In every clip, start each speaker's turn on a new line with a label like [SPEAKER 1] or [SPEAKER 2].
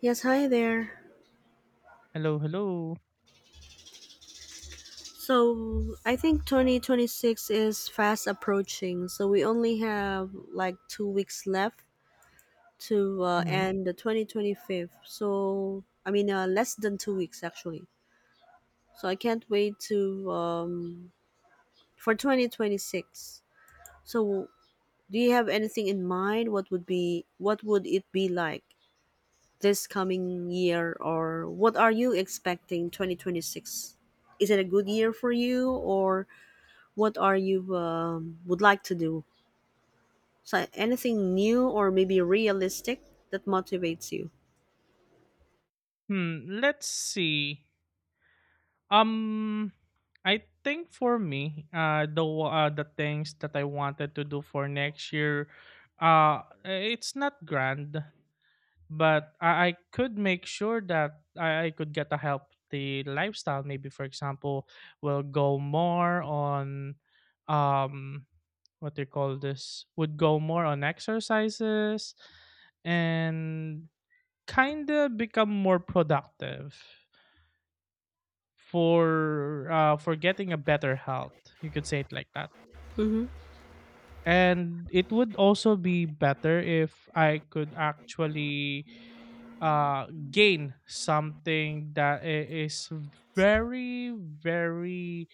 [SPEAKER 1] Yes, hi there.
[SPEAKER 2] Hello, hello.
[SPEAKER 1] So I think 2026 is fast approaching, so we only have like 2 weeks left to
[SPEAKER 2] Mhm.
[SPEAKER 1] end the 2025. So I mean, less than 2 weeks actually. So I can't wait to for 2026. So do you have anything in mind? What would it be like this coming year, or what are you expecting 2026? Is it a good year for you, or what are you would like to do? So anything new or maybe realistic that motivates you?
[SPEAKER 2] Hmm, let's see. Um I think for me, the things that I wanted to do for next year, uh it's not grand, but I could make sure that I could get a healthy lifestyle. Maybe for example, will go more on um what do you call this? Would go more on exercises and kind of become more productive for for getting a better health. You could say it like that.
[SPEAKER 1] Mm-hmm.
[SPEAKER 2] And it would also be better if I could actually gain something that is very, very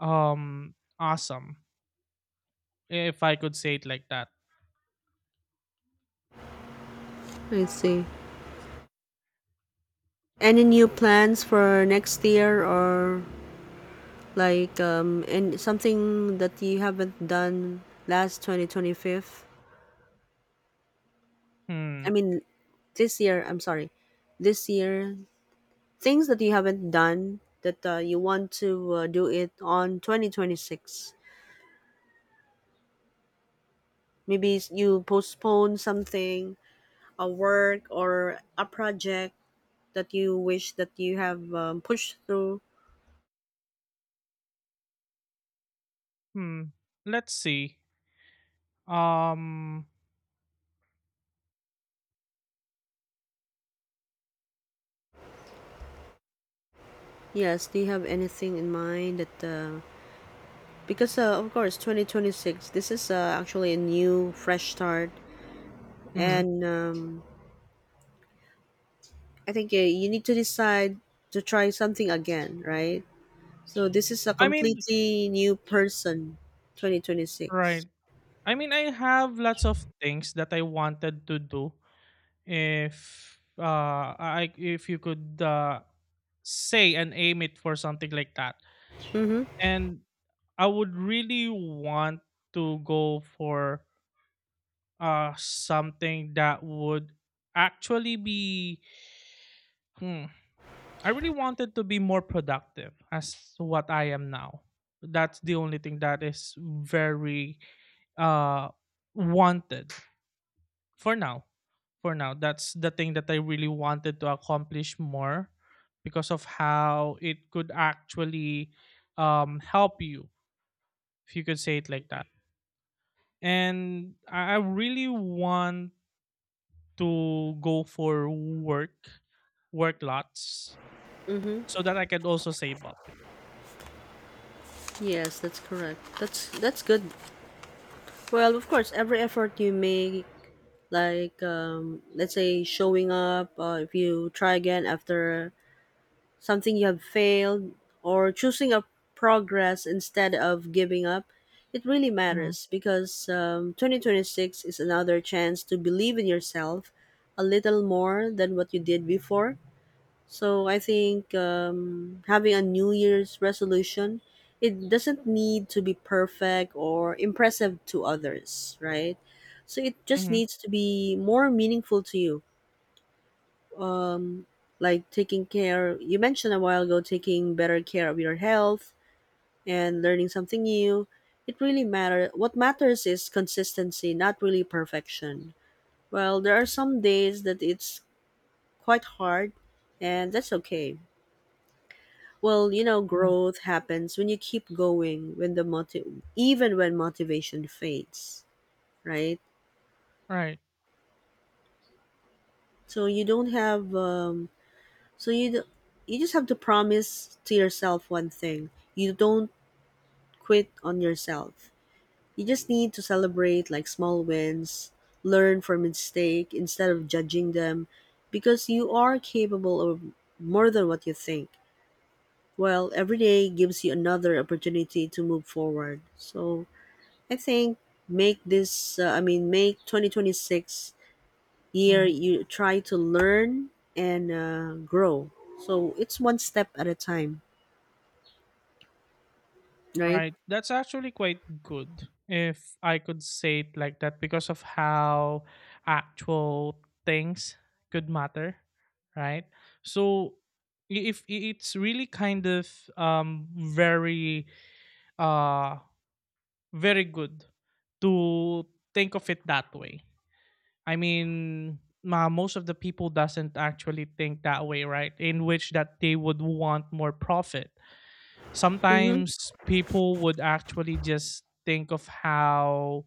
[SPEAKER 2] um, awesome if I could say it like that.
[SPEAKER 1] I see. Any new plans for next year or like and something that you haven't done last 2025? I
[SPEAKER 2] Hmm.
[SPEAKER 1] mean this year, I'm sorry. This year, things that you haven't done that you want to do it on 2026. Maybe you postpone something, a work or a project that you wish that you have pushed through?
[SPEAKER 2] Hmm. Let's see. Um.
[SPEAKER 1] Yes, do you have anything in mind that because of course 2026, this is actually a new fresh start,
[SPEAKER 2] Mhm.
[SPEAKER 1] and I think you need to decide to try something again, right? So this is a
[SPEAKER 2] I mean,
[SPEAKER 1] completely new person, 2026.
[SPEAKER 2] right. I mean, I have lots of things that I wanted to do if you could say and aim it for something like that.
[SPEAKER 1] Mm-hmm.
[SPEAKER 2] And I would really want to go for something that would actually be hmm, I really wanted to be more productive as to what I am now. That's the only thing that is very uh wanted for now for now. That's the thing that I really wanted to accomplish more because of how it could actually help you, if you could say it like that. And I really want to go for work lots so that I can also save up.
[SPEAKER 1] Yes, that's correct. That's good. Well, of course, every effort you make, like let's say showing up, if you try again after something you have failed or choosing a progress instead of giving up, it really
[SPEAKER 2] Mhm.
[SPEAKER 1] matters because 2026 is another chance to believe in yourself a little more than what you did before. So I think, having a New Year's resolution, it doesn't need to be perfect or impressive to others, right? So it just
[SPEAKER 2] Mhm.
[SPEAKER 1] needs to be more meaningful to you. Um, like taking care, you mentioned a while ago, taking better care of your health and learning something new. It really matters. What matters is consistency, not really perfection. Well, there are some days that it's quite hard, and that's okay. Well, you know,
[SPEAKER 2] Mhm.
[SPEAKER 1] growth happens when you keep going when even when motivation fades, right?
[SPEAKER 2] Right.
[SPEAKER 1] So you don't have so you d- you just have to promise to yourself one thing. You don't quit on yourself. You just need to celebrate like small wins, learn from mistake instead of judging them, because you are capable of more than what you think. Well, every day gives you another opportunity to move forward. So I think, make this I mean make 2026 year
[SPEAKER 2] Mhm.
[SPEAKER 1] you try to learn and grow. So it's one step at a time, right?
[SPEAKER 2] Right. That's actually quite good if I could say it like that, because of how actual things could matter, right? So I- if I- it's really kind of um very uh very good to think of it that way. I mean, ma most of the people doesn't actually think that way, right? In which that they would want more profit.
[SPEAKER 1] Mm-hmm.
[SPEAKER 2] Sometimes people would actually just think of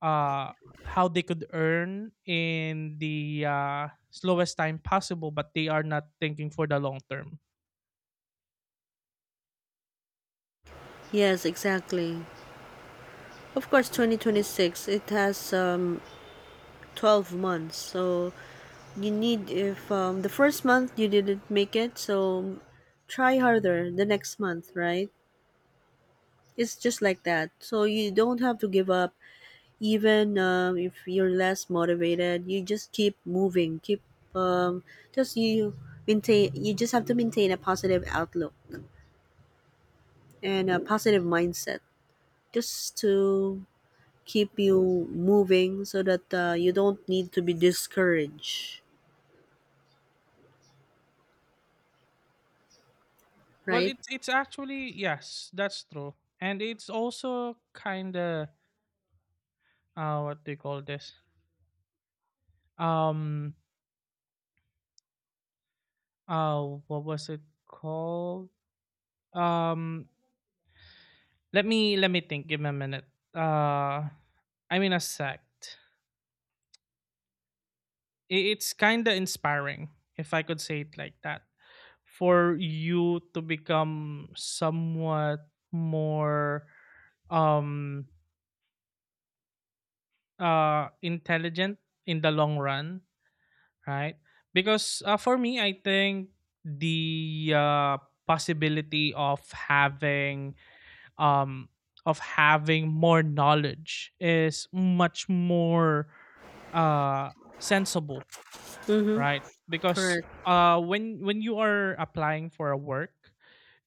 [SPEAKER 2] uh how they could earn in the slowest time possible, but they are not thinking for the long term.
[SPEAKER 1] Yes, exactly. Of course, 2026, it has 12 months. So you need, if the first month you didn't make it, so try harder the next month, right? It's just like that. So you don't have to give up. Even if you're less motivated, you just keep moving, keep um, just you maintain you just have to maintain a positive outlook and a positive mindset just to keep you moving so that you don't need to be discouraged,
[SPEAKER 2] Well,
[SPEAKER 1] right?
[SPEAKER 2] it's actually, yes, that's true. And it's also kind of what do you call this? Um uh what was it called? Um let me let me think. Give me a minute, uh I mean a sec. It's kind of inspiring if I could say it like that, for you to become somewhat more um intelligent in the long run, right? Because for me, I think the possibility um of having more knowledge is much more uh sensible.
[SPEAKER 1] Mm-hmm.
[SPEAKER 2] Right. Because
[SPEAKER 1] Correct.
[SPEAKER 2] when you are applying for a work,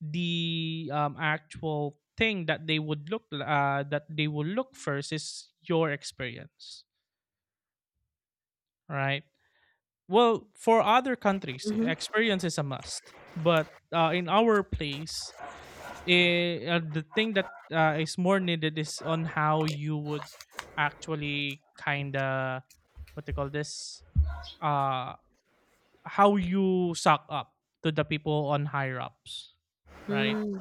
[SPEAKER 2] the actual thing that they would look that they will look first is your experience, right? Well, for other countries,
[SPEAKER 1] Mm-hmm.
[SPEAKER 2] experience is a must, but in our place, the thing that is more needed is on how you would actually kind of what they call this, uh how you suck up to the people on higher ups, right?
[SPEAKER 1] Mm,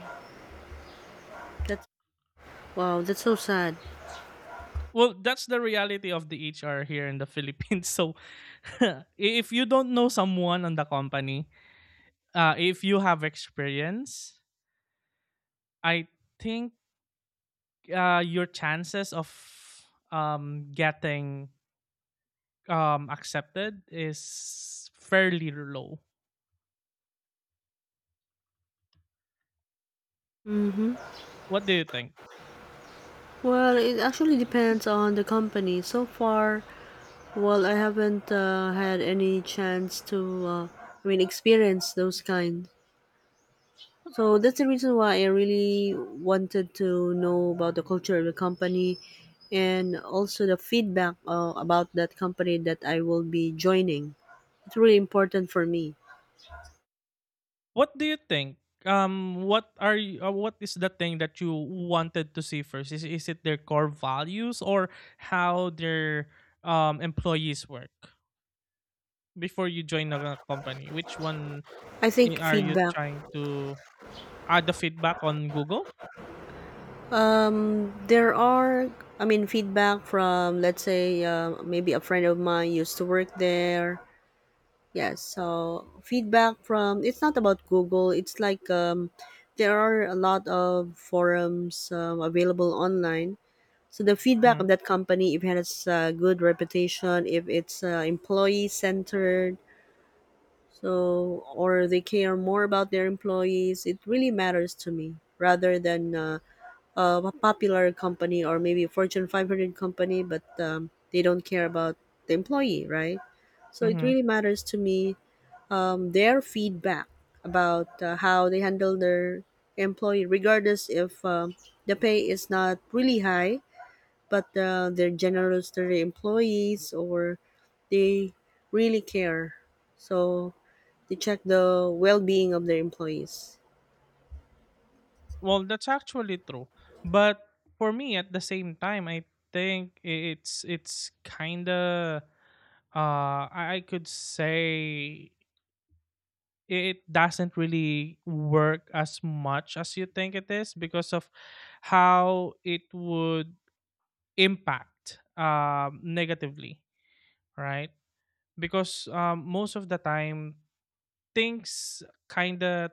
[SPEAKER 1] that's, wow, that's so sad.
[SPEAKER 2] Well, that's the reality of the HR here in the Philippines. So, if you don't know someone on the company, if you have experience, I think your chances of getting accepted is fairly low. What do you think?
[SPEAKER 1] Well, it actually depends on the company. So far, well, I haven't had any chance to, experience those kind. So that's the reason why I really wanted to know about the culture of the company and also the feedback about that company that I will be joining. It's really important for me.
[SPEAKER 2] What do you think? What is the thing that you wanted to see first? Is it their core values, or how their employees work before you join a company? Which one,
[SPEAKER 1] I think
[SPEAKER 2] are you
[SPEAKER 1] feedback.
[SPEAKER 2] trying to add the feedback on Google?
[SPEAKER 1] There are, I mean, feedback from, let's say, maybe a friend of mine used to work there. Yes, so feedback from, it's not about Google. It's like, there are a lot of forums available online. So the feedback
[SPEAKER 2] Hmm.
[SPEAKER 1] of that company, if it has a good reputation, if it's employee centered, so or they care more about their employees, it really matters to me rather than a popular company or maybe a Fortune 500 company, but they don't care about the employee, right? So it
[SPEAKER 2] Hmm.
[SPEAKER 1] really matters to me, their feedback about how they handle their employee, regardless if the pay is not really high, but they're generous to the employees or they really care. So they check the well-being of their employees.
[SPEAKER 2] Well, that's actually true, but for me, at the same time, I think it's kind of I could say, it doesn't really work as much as you think it is, because of how it would impact negatively, right? Because most of the time, things kind of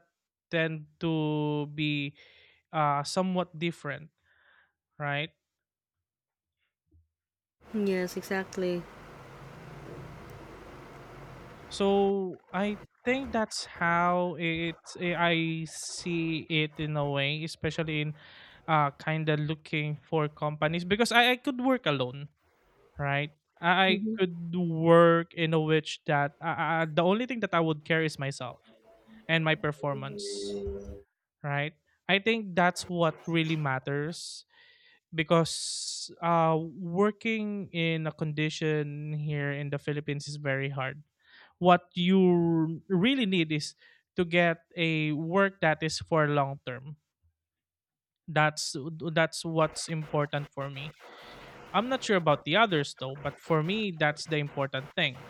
[SPEAKER 2] tend to be somewhat different, right?
[SPEAKER 1] Yes, exactly.
[SPEAKER 2] So I think that's how it. I see it in a way, especially in kind of looking for companies, because I could work alone, right? I
[SPEAKER 1] Mm-hmm.
[SPEAKER 2] could work in a which that the only thing that I would care is myself and my performance, right? I think that's what really matters, because working in a condition here in the Philippines is very hard. What you really need is to get a work that is for long term. That's that's what's important for me. I'm not sure about the others though, but for me that's the important thing,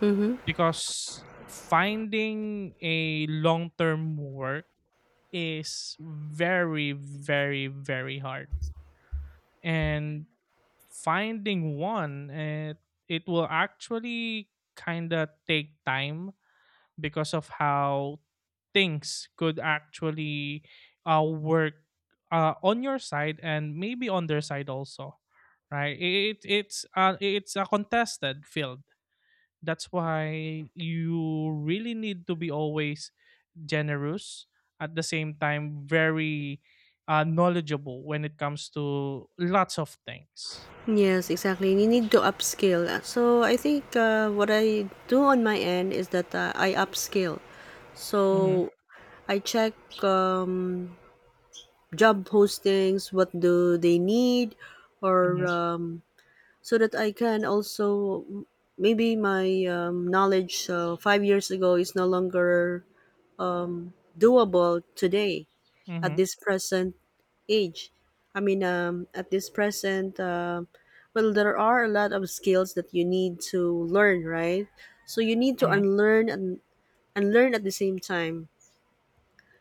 [SPEAKER 1] Mm-hmm.
[SPEAKER 2] because finding a long term work is very very very hard, and finding one, it will actually kind of take time, because of how things could actually work on your side and maybe on their side also. Right, it's a contested field. That's why you really need to be always generous, at the same time very knowledgeable when it comes to lots of things.
[SPEAKER 1] Yes, exactly. You need to upscale. So I think what I do on my end is that I upscale.
[SPEAKER 2] Mm-hmm,
[SPEAKER 1] So I check, um, job postings, what do they need, or
[SPEAKER 2] mm-hmm,
[SPEAKER 1] so that I can also, maybe my knowledge 5 years ago is no longer doable today, at
[SPEAKER 2] mm-hmm,
[SPEAKER 1] this present age. I mean, at this present, well, there are a lot of skills that you need to learn, right? So you need to
[SPEAKER 2] mm-hmm,
[SPEAKER 1] unlearn and learn at the same time.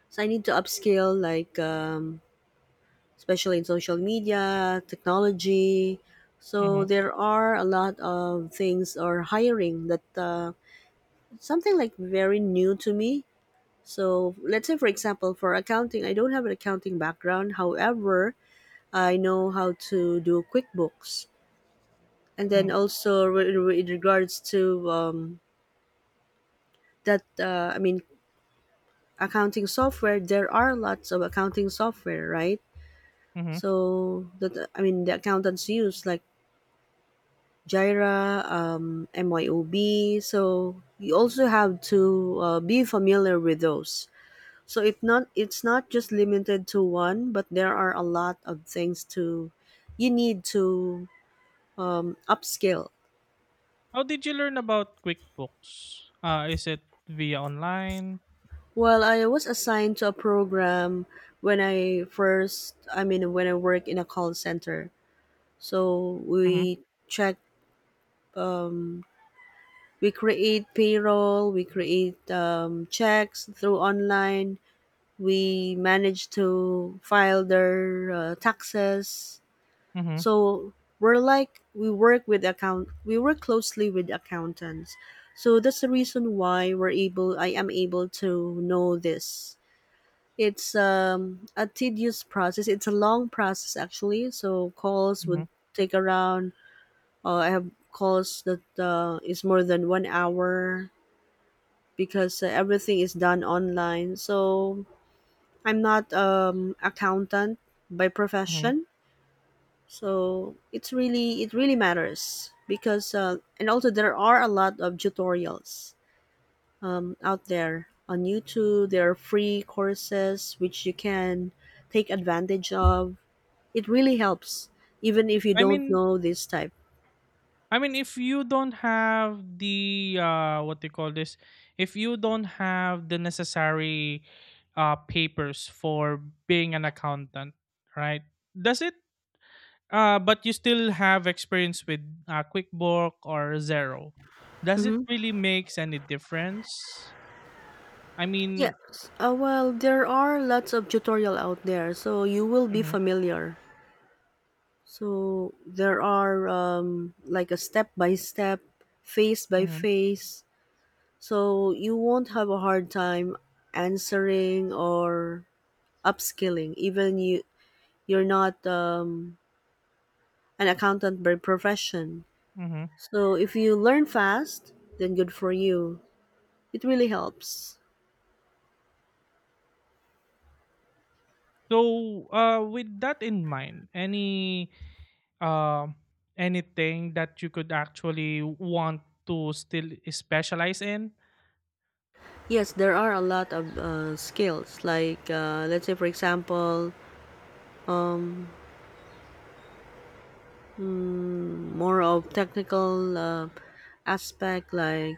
[SPEAKER 1] So I need to upskill, like especially in social media, technology.
[SPEAKER 2] mm-hmm,
[SPEAKER 1] So there are a lot of things or hiring that something like very new to me. So let's say, for example, for accounting, I don't have an accounting background. However, I know how to do QuickBooks, and
[SPEAKER 2] mm-hmm,
[SPEAKER 1] then also in regards to that, accounting software. There are lots of accounting software, right?
[SPEAKER 2] mm-hmm.
[SPEAKER 1] So that, I mean, the accountants use like Jira, MYOB. So you also have to be familiar with those. So it's not just limited to one, but there are a lot of things to, you need to upskill.
[SPEAKER 2] How did you learn about QuickBooks? Is it via online?
[SPEAKER 1] Well, I was assigned to a program when I first, I mean, when I work in a call center. So
[SPEAKER 2] Mm-hmm,
[SPEAKER 1] we check, we create payroll, we create checks through online, we managed to file their taxes.
[SPEAKER 2] mm-hmm,
[SPEAKER 1] So we work with account we work closely with accountants, so that's the reason why we're able I am able to know this. It's a tedious process, it's a long process actually. So calls
[SPEAKER 2] mm-hmm,
[SPEAKER 1] would take around, I have calls that is more than 1 hour, because everything is done online. So I'm not accountant by
[SPEAKER 2] mm-hmm.
[SPEAKER 1] profession, so it's really, it really matters because and also there are a lot of tutorials out there on YouTube. There are free courses which you can take advantage of. It really helps even if you
[SPEAKER 2] i mean
[SPEAKER 1] don't know this type.
[SPEAKER 2] I mean, if you don't have the what they call this, if you don't have the necessary papers for being an accountant, right? Does it? But you still have experience with QuickBook or Zero. Does it
[SPEAKER 1] Mm-hmm.
[SPEAKER 2] really makes any difference? I mean,
[SPEAKER 1] Yes. Well, there are lots of tutorial out there, so you will be
[SPEAKER 2] mhm,
[SPEAKER 1] familiar. So there are, like a step by step, phase by
[SPEAKER 2] mhm,
[SPEAKER 1] phase. So you won't have a hard time answering or upskilling, even you're not an accountant by profession.
[SPEAKER 2] mhm.
[SPEAKER 1] So if you learn fast, then good for you. It really helps.
[SPEAKER 2] So with that in mind, any um anything that you could actually want to still specialize in.
[SPEAKER 1] Yes, there are a lot of skills. Like, let's say, for example, mm, more of technical aspect, like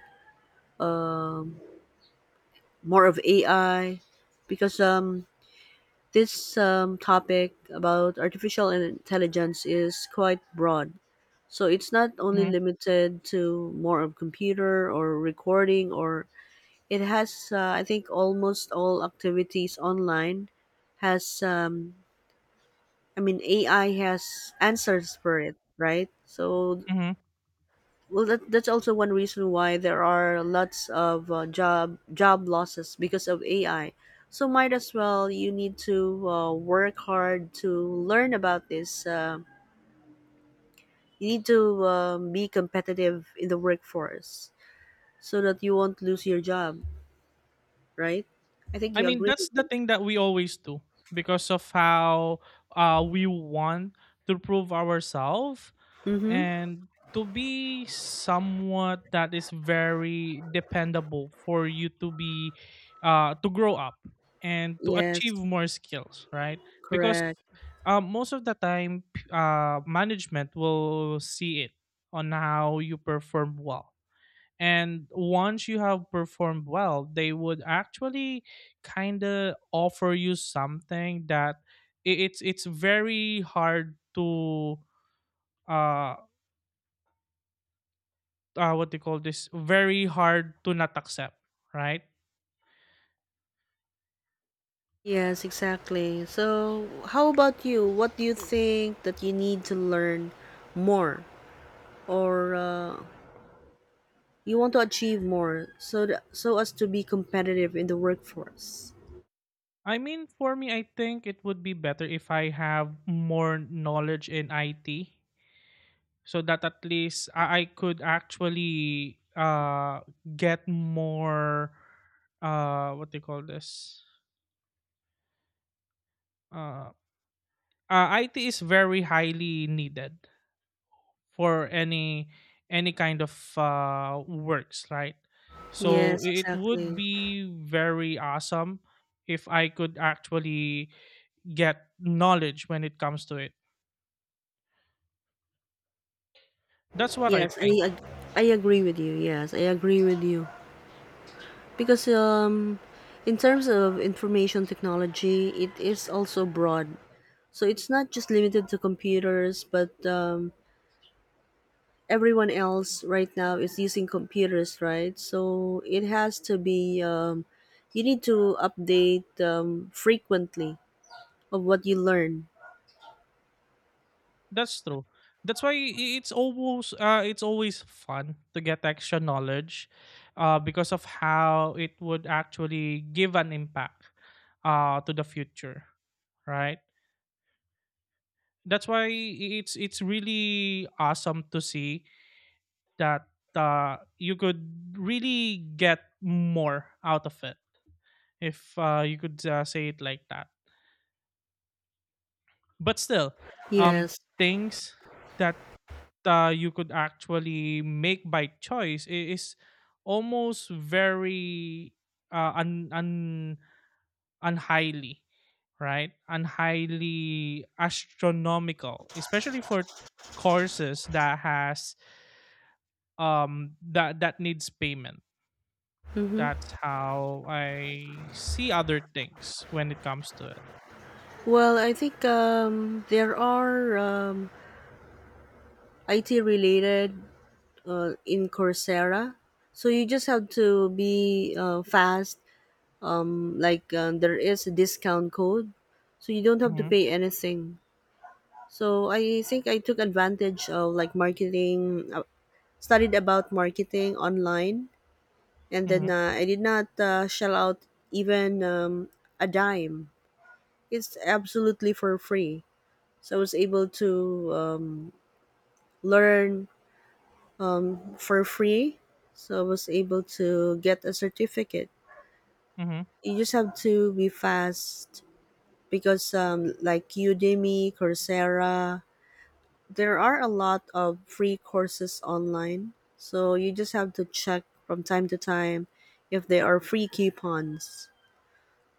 [SPEAKER 1] more of AI, because this topic about artificial intelligence is quite broad. So it's not only
[SPEAKER 2] Hmm.
[SPEAKER 1] limited to more of computer or recording, or it has, I think almost all activities online has, I mean AI has answers for it, right? So,
[SPEAKER 2] Hmm.
[SPEAKER 1] well, that that's also one reason why there are lots of job losses because of AI. So might as well, you need to work hard to learn about this. You need to be competitive in the workforce so that you won't lose your job, right? I think
[SPEAKER 2] I
[SPEAKER 1] you
[SPEAKER 2] mean,
[SPEAKER 1] agree
[SPEAKER 2] that's
[SPEAKER 1] with
[SPEAKER 2] the
[SPEAKER 1] me.
[SPEAKER 2] thing that we always do, because of how we want to prove ourselves
[SPEAKER 1] Mm-hmm.
[SPEAKER 2] and to be somewhat that is very dependable for you to grow up and to
[SPEAKER 1] Yes,
[SPEAKER 2] achieve more skills, right? Because
[SPEAKER 1] correct.
[SPEAKER 2] most of the time, management will see it on how you perform well, and once you have performed well, they would actually kind of offer you something that it's very hard to, uh what they call this, very hard to not accept, right?
[SPEAKER 1] Yes, exactly. So, how about you? What do you think that you need to learn more, or you want to achieve more so that, so as to be competitive in the workforce.
[SPEAKER 2] I mean, for me, I think it would be better if I have more knowledge in IT, so that at least I could actually get more, what do you call this? Uh, IT is very highly needed for any kind of works, right? So
[SPEAKER 1] Yes,
[SPEAKER 2] it would
[SPEAKER 1] exactly.
[SPEAKER 2] be very awesome if I could actually get knowledge when it comes to it. That's what I
[SPEAKER 1] Yes,
[SPEAKER 2] think.
[SPEAKER 1] I ag- I agree with you. Yes, I agree with you. Because in terms of information technology, it is also broad. So it's not just limited to computers, but everyone else right now is using computers, right? So it has to be you need to update frequently of what you learn.
[SPEAKER 2] That's true. That's why it's always fun to get extra knowledge, because of how it would actually give an impact, to the future, right? That's why it's really awesome to see that you could really get more out of it, if you could say it like that. But still, um,
[SPEAKER 1] Yes.
[SPEAKER 2] things that you could actually make by choice is almost very un un unhighly, right, unhighly astronomical, especially for courses that has that needs payment.
[SPEAKER 1] Mhm.
[SPEAKER 2] That's how I see other things when it comes to it.
[SPEAKER 1] Well, I think there are, IT related in Coursera. So you just have to be fast. Like, there is a discount code, so you don't have to
[SPEAKER 2] Mhm,
[SPEAKER 1] pay anything. So I think I took advantage of like marketing, studied about marketing online, and then
[SPEAKER 2] mhm,
[SPEAKER 1] I did not shell out even a dime. It's absolutely for free. So I was able to learn for free. So I was able to get a certificate.
[SPEAKER 2] mhm,
[SPEAKER 1] You just have to be fast because, like Udemy, Coursera, there are a lot of free courses online. So you just have to check from time to time if there are free coupons.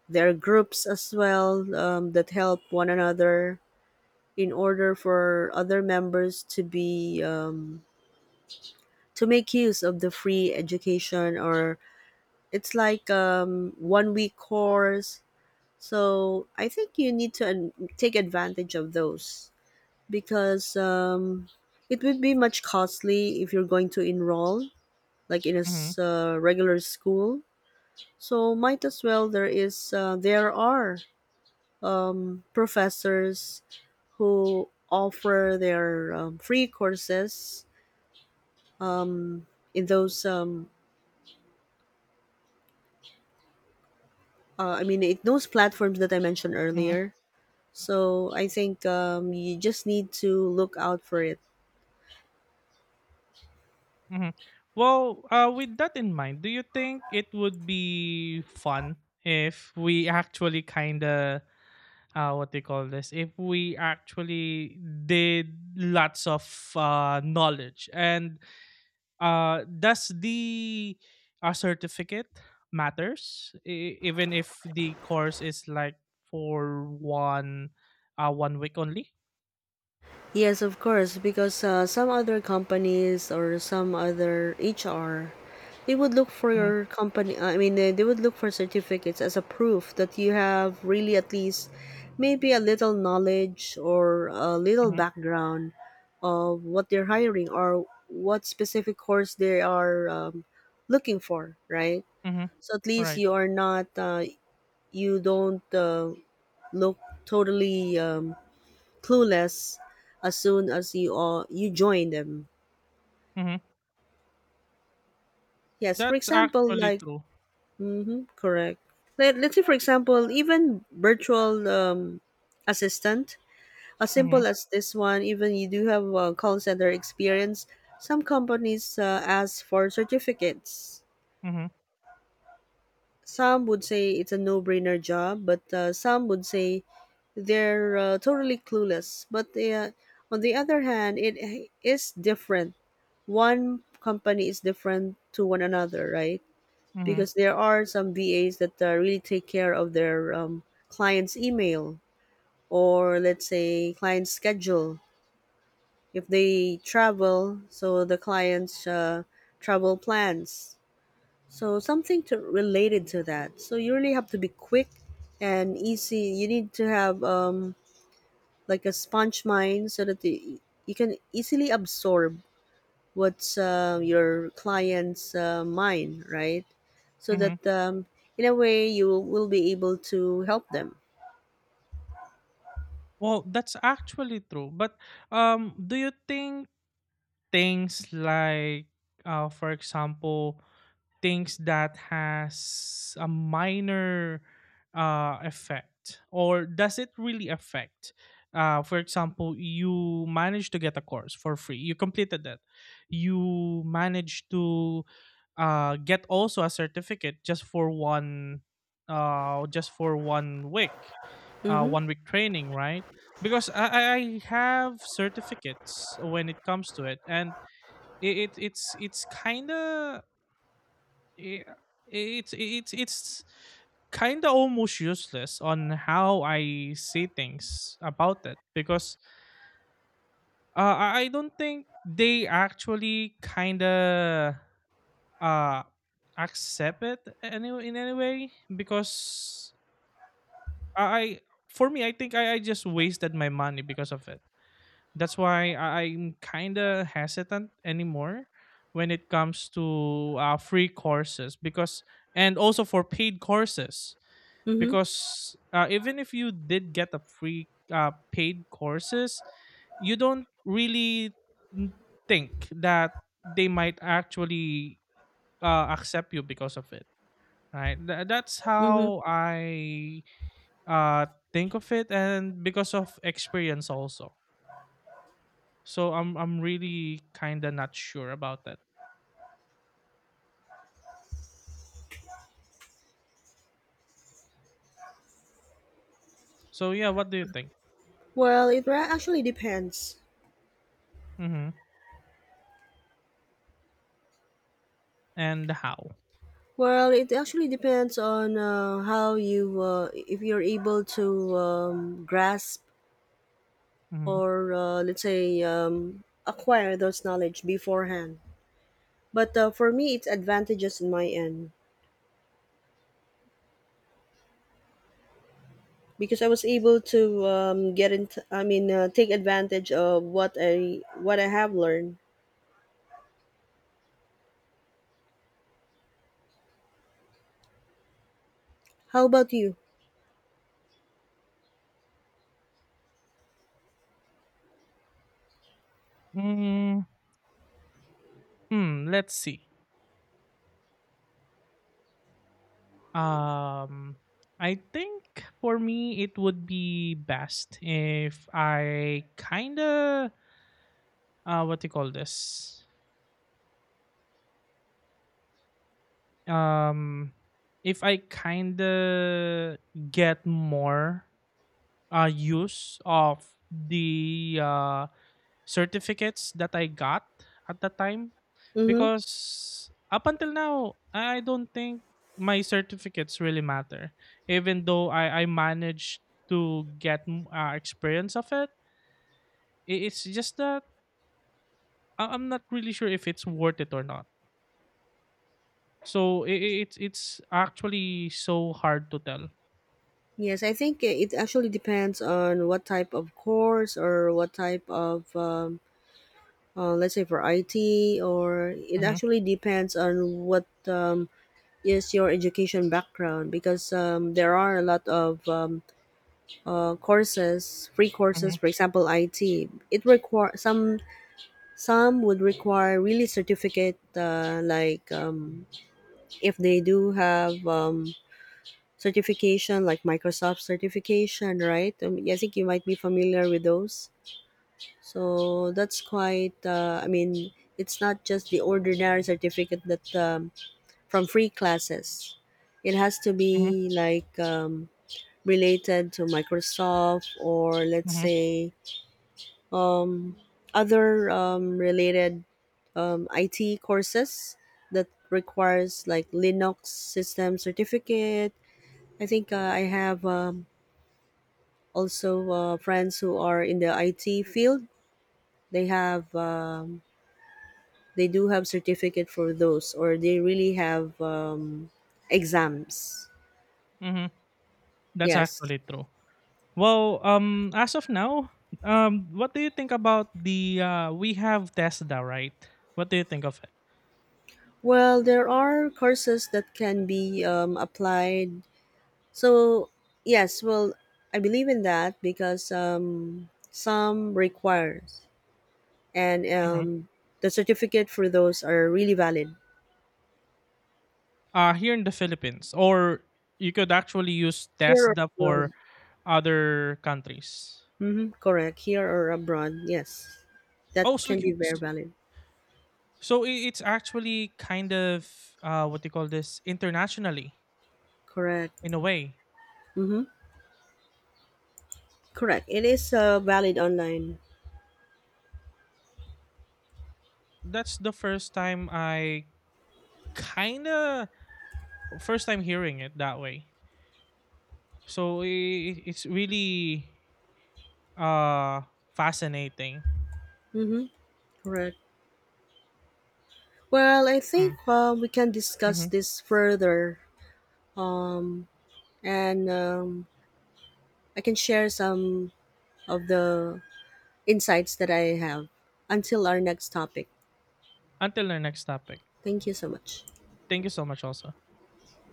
[SPEAKER 1] There are groups as well that help one another in order for other members to be to make use of the free education, or it's like 1-week course. So I think you need to take advantage of those because it would be much costly if you're going to enroll like in a
[SPEAKER 2] mhm,
[SPEAKER 1] regular school. So might as well, there is there are professors who offer their free courses um, in those I mean, it those platforms that I mentioned
[SPEAKER 2] mhm,
[SPEAKER 1] earlier. So I think you just need to look out for it.
[SPEAKER 2] mhm. Well, with that in mind, do you think it would be fun, if we actually kind of what they call this, if we actually did lots of knowledge, and does the certificate matters, even if the course is like for one week only?
[SPEAKER 1] Yes, of course, because some other companies or some other HR, they would look for
[SPEAKER 2] Hmm.
[SPEAKER 1] your company. They would look for certificates as a proof that you have really at least maybe a little knowledge or a little
[SPEAKER 2] Hmm.
[SPEAKER 1] background of what they're hiring or what specific course they are looking for, right?
[SPEAKER 2] Hmm.
[SPEAKER 1] So at least
[SPEAKER 2] Right.
[SPEAKER 1] you are not, you don't look totally clueless as soon as you join them.
[SPEAKER 2] Hmm.
[SPEAKER 1] Yes, for
[SPEAKER 2] That's
[SPEAKER 1] example,
[SPEAKER 2] actually
[SPEAKER 1] like
[SPEAKER 2] true.
[SPEAKER 1] mm-hmm, correct. Let's say, for example, even virtual assistant, as
[SPEAKER 2] Hmm.
[SPEAKER 1] simple as this one. Even you do have a call center experience. Some companies ask for certificates.
[SPEAKER 2] Hmm.
[SPEAKER 1] Some would say it's a no-brainer job, but some would say they're totally clueless. But on the other hand, it is different. One company is different to one another, right?
[SPEAKER 2] Hmm.
[SPEAKER 1] Because there are some VAs that really take care of their clients' email, or let's say client schedule. If they travel, so the client's travel plans, so something to related to that. So you really have to be quick and easy. You need to have like a sponge mind so that you can easily absorb what's your client's mind, right? So
[SPEAKER 2] Hmm.
[SPEAKER 1] that in a way you will be able to help them.
[SPEAKER 2] Well, that's actually true, but do you think things like, for example, things that has a minor effect, or does it really affect, for example, you managed to get a course for free, you completed that, you managed to get also a certificate just for one week,
[SPEAKER 1] Mm-hmm.
[SPEAKER 2] one week training, right? Because I have certificates when it comes to it, and it's kind of, yeah, it's kind of almost useless on how I say things about it, because I don't think they actually kind of uh accept it, any in any way, because I for me I think I just wasted my money because of it. That's why I'm kind of hesitant anymore when it comes to free courses, because, and also for paid courses,
[SPEAKER 1] Mm-hmm.
[SPEAKER 2] because even if you did get a free paid courses, you don't really n- think that they might actually accept you because of it, right? That's
[SPEAKER 1] Mm-hmm.
[SPEAKER 2] how I uh, think of it and because of experience also, so I'm really kind of not sure about that. So, yeah, what do you think?
[SPEAKER 1] Well, actually depends.
[SPEAKER 2] Hmm. And how?
[SPEAKER 1] Well, it actually depends on how you, if you're able to grasp
[SPEAKER 2] Hmm.
[SPEAKER 1] or let's say acquire those knowledge beforehand. But for me, it's advantages in my end because I was able to get in. Take advantage of what I have learned. How about you?
[SPEAKER 2] Mm. Hmm. Let's see. Um, I think for me it would be best if I kinda what do you call this? Um, if I kinda get more use of the certificates that I got at that time,
[SPEAKER 1] Mm-hmm.
[SPEAKER 2] because up until now I don't think my certificates really matter, even though I managed to get experience of it. It's just that I'm not really sure if it's worth it or not. So it's actually so hard to tell.
[SPEAKER 1] Yes, I think it actually depends on what type of course or what type of, let's say for IT, or it
[SPEAKER 2] Hmm.
[SPEAKER 1] actually depends on what is your education background, because there are a lot of courses, free courses,
[SPEAKER 2] Hmm.
[SPEAKER 1] for example, IT. It require some would require really certificate, like if they do have certification, like Microsoft certification, right? I think you might be familiar with those. So that's quite. It's not just the ordinary certificate that from free classes. It has to
[SPEAKER 2] Hmm.
[SPEAKER 1] be like related to Microsoft, or let's
[SPEAKER 2] Hmm.
[SPEAKER 1] say um, other related IT courses that requires like Linux system certificate. I think I have also friends who are in the IT field. They have they do have certificate for those, or they really have exams.
[SPEAKER 2] Hmm. That's
[SPEAKER 1] Yes.
[SPEAKER 2] actually true. Well, as of now, what do you think about the we have Tesla, right? What do you think of it?
[SPEAKER 1] Well, there are courses that can be applied. So, yes, well, I believe in that because some requires, and
[SPEAKER 2] Mhm.
[SPEAKER 1] the certificate for those are really valid
[SPEAKER 2] Here in the Philippines, or you could actually use
[SPEAKER 1] here or
[SPEAKER 2] Tesla for
[SPEAKER 1] abroad.
[SPEAKER 2] other countries.
[SPEAKER 1] Mm-hmm, correct, here or abroad. Yes, that
[SPEAKER 2] Oh, so
[SPEAKER 1] can be very valid.
[SPEAKER 2] So it's actually kind of what do you call this, internationally
[SPEAKER 1] Correct.
[SPEAKER 2] in a way.
[SPEAKER 1] Mm-hmm, correct. It is valid online.
[SPEAKER 2] That's the first time I kind of first time hearing it that way. So it's really uh fascinating.
[SPEAKER 1] Mm-hmm, correct. Well, I think
[SPEAKER 2] Mm,
[SPEAKER 1] we can discuss
[SPEAKER 2] mhm.
[SPEAKER 1] this further, um, and I can share some of the insights that I have until our next topic.
[SPEAKER 2] Until our next topic.
[SPEAKER 1] Thank you so much.
[SPEAKER 2] Thank you so much also.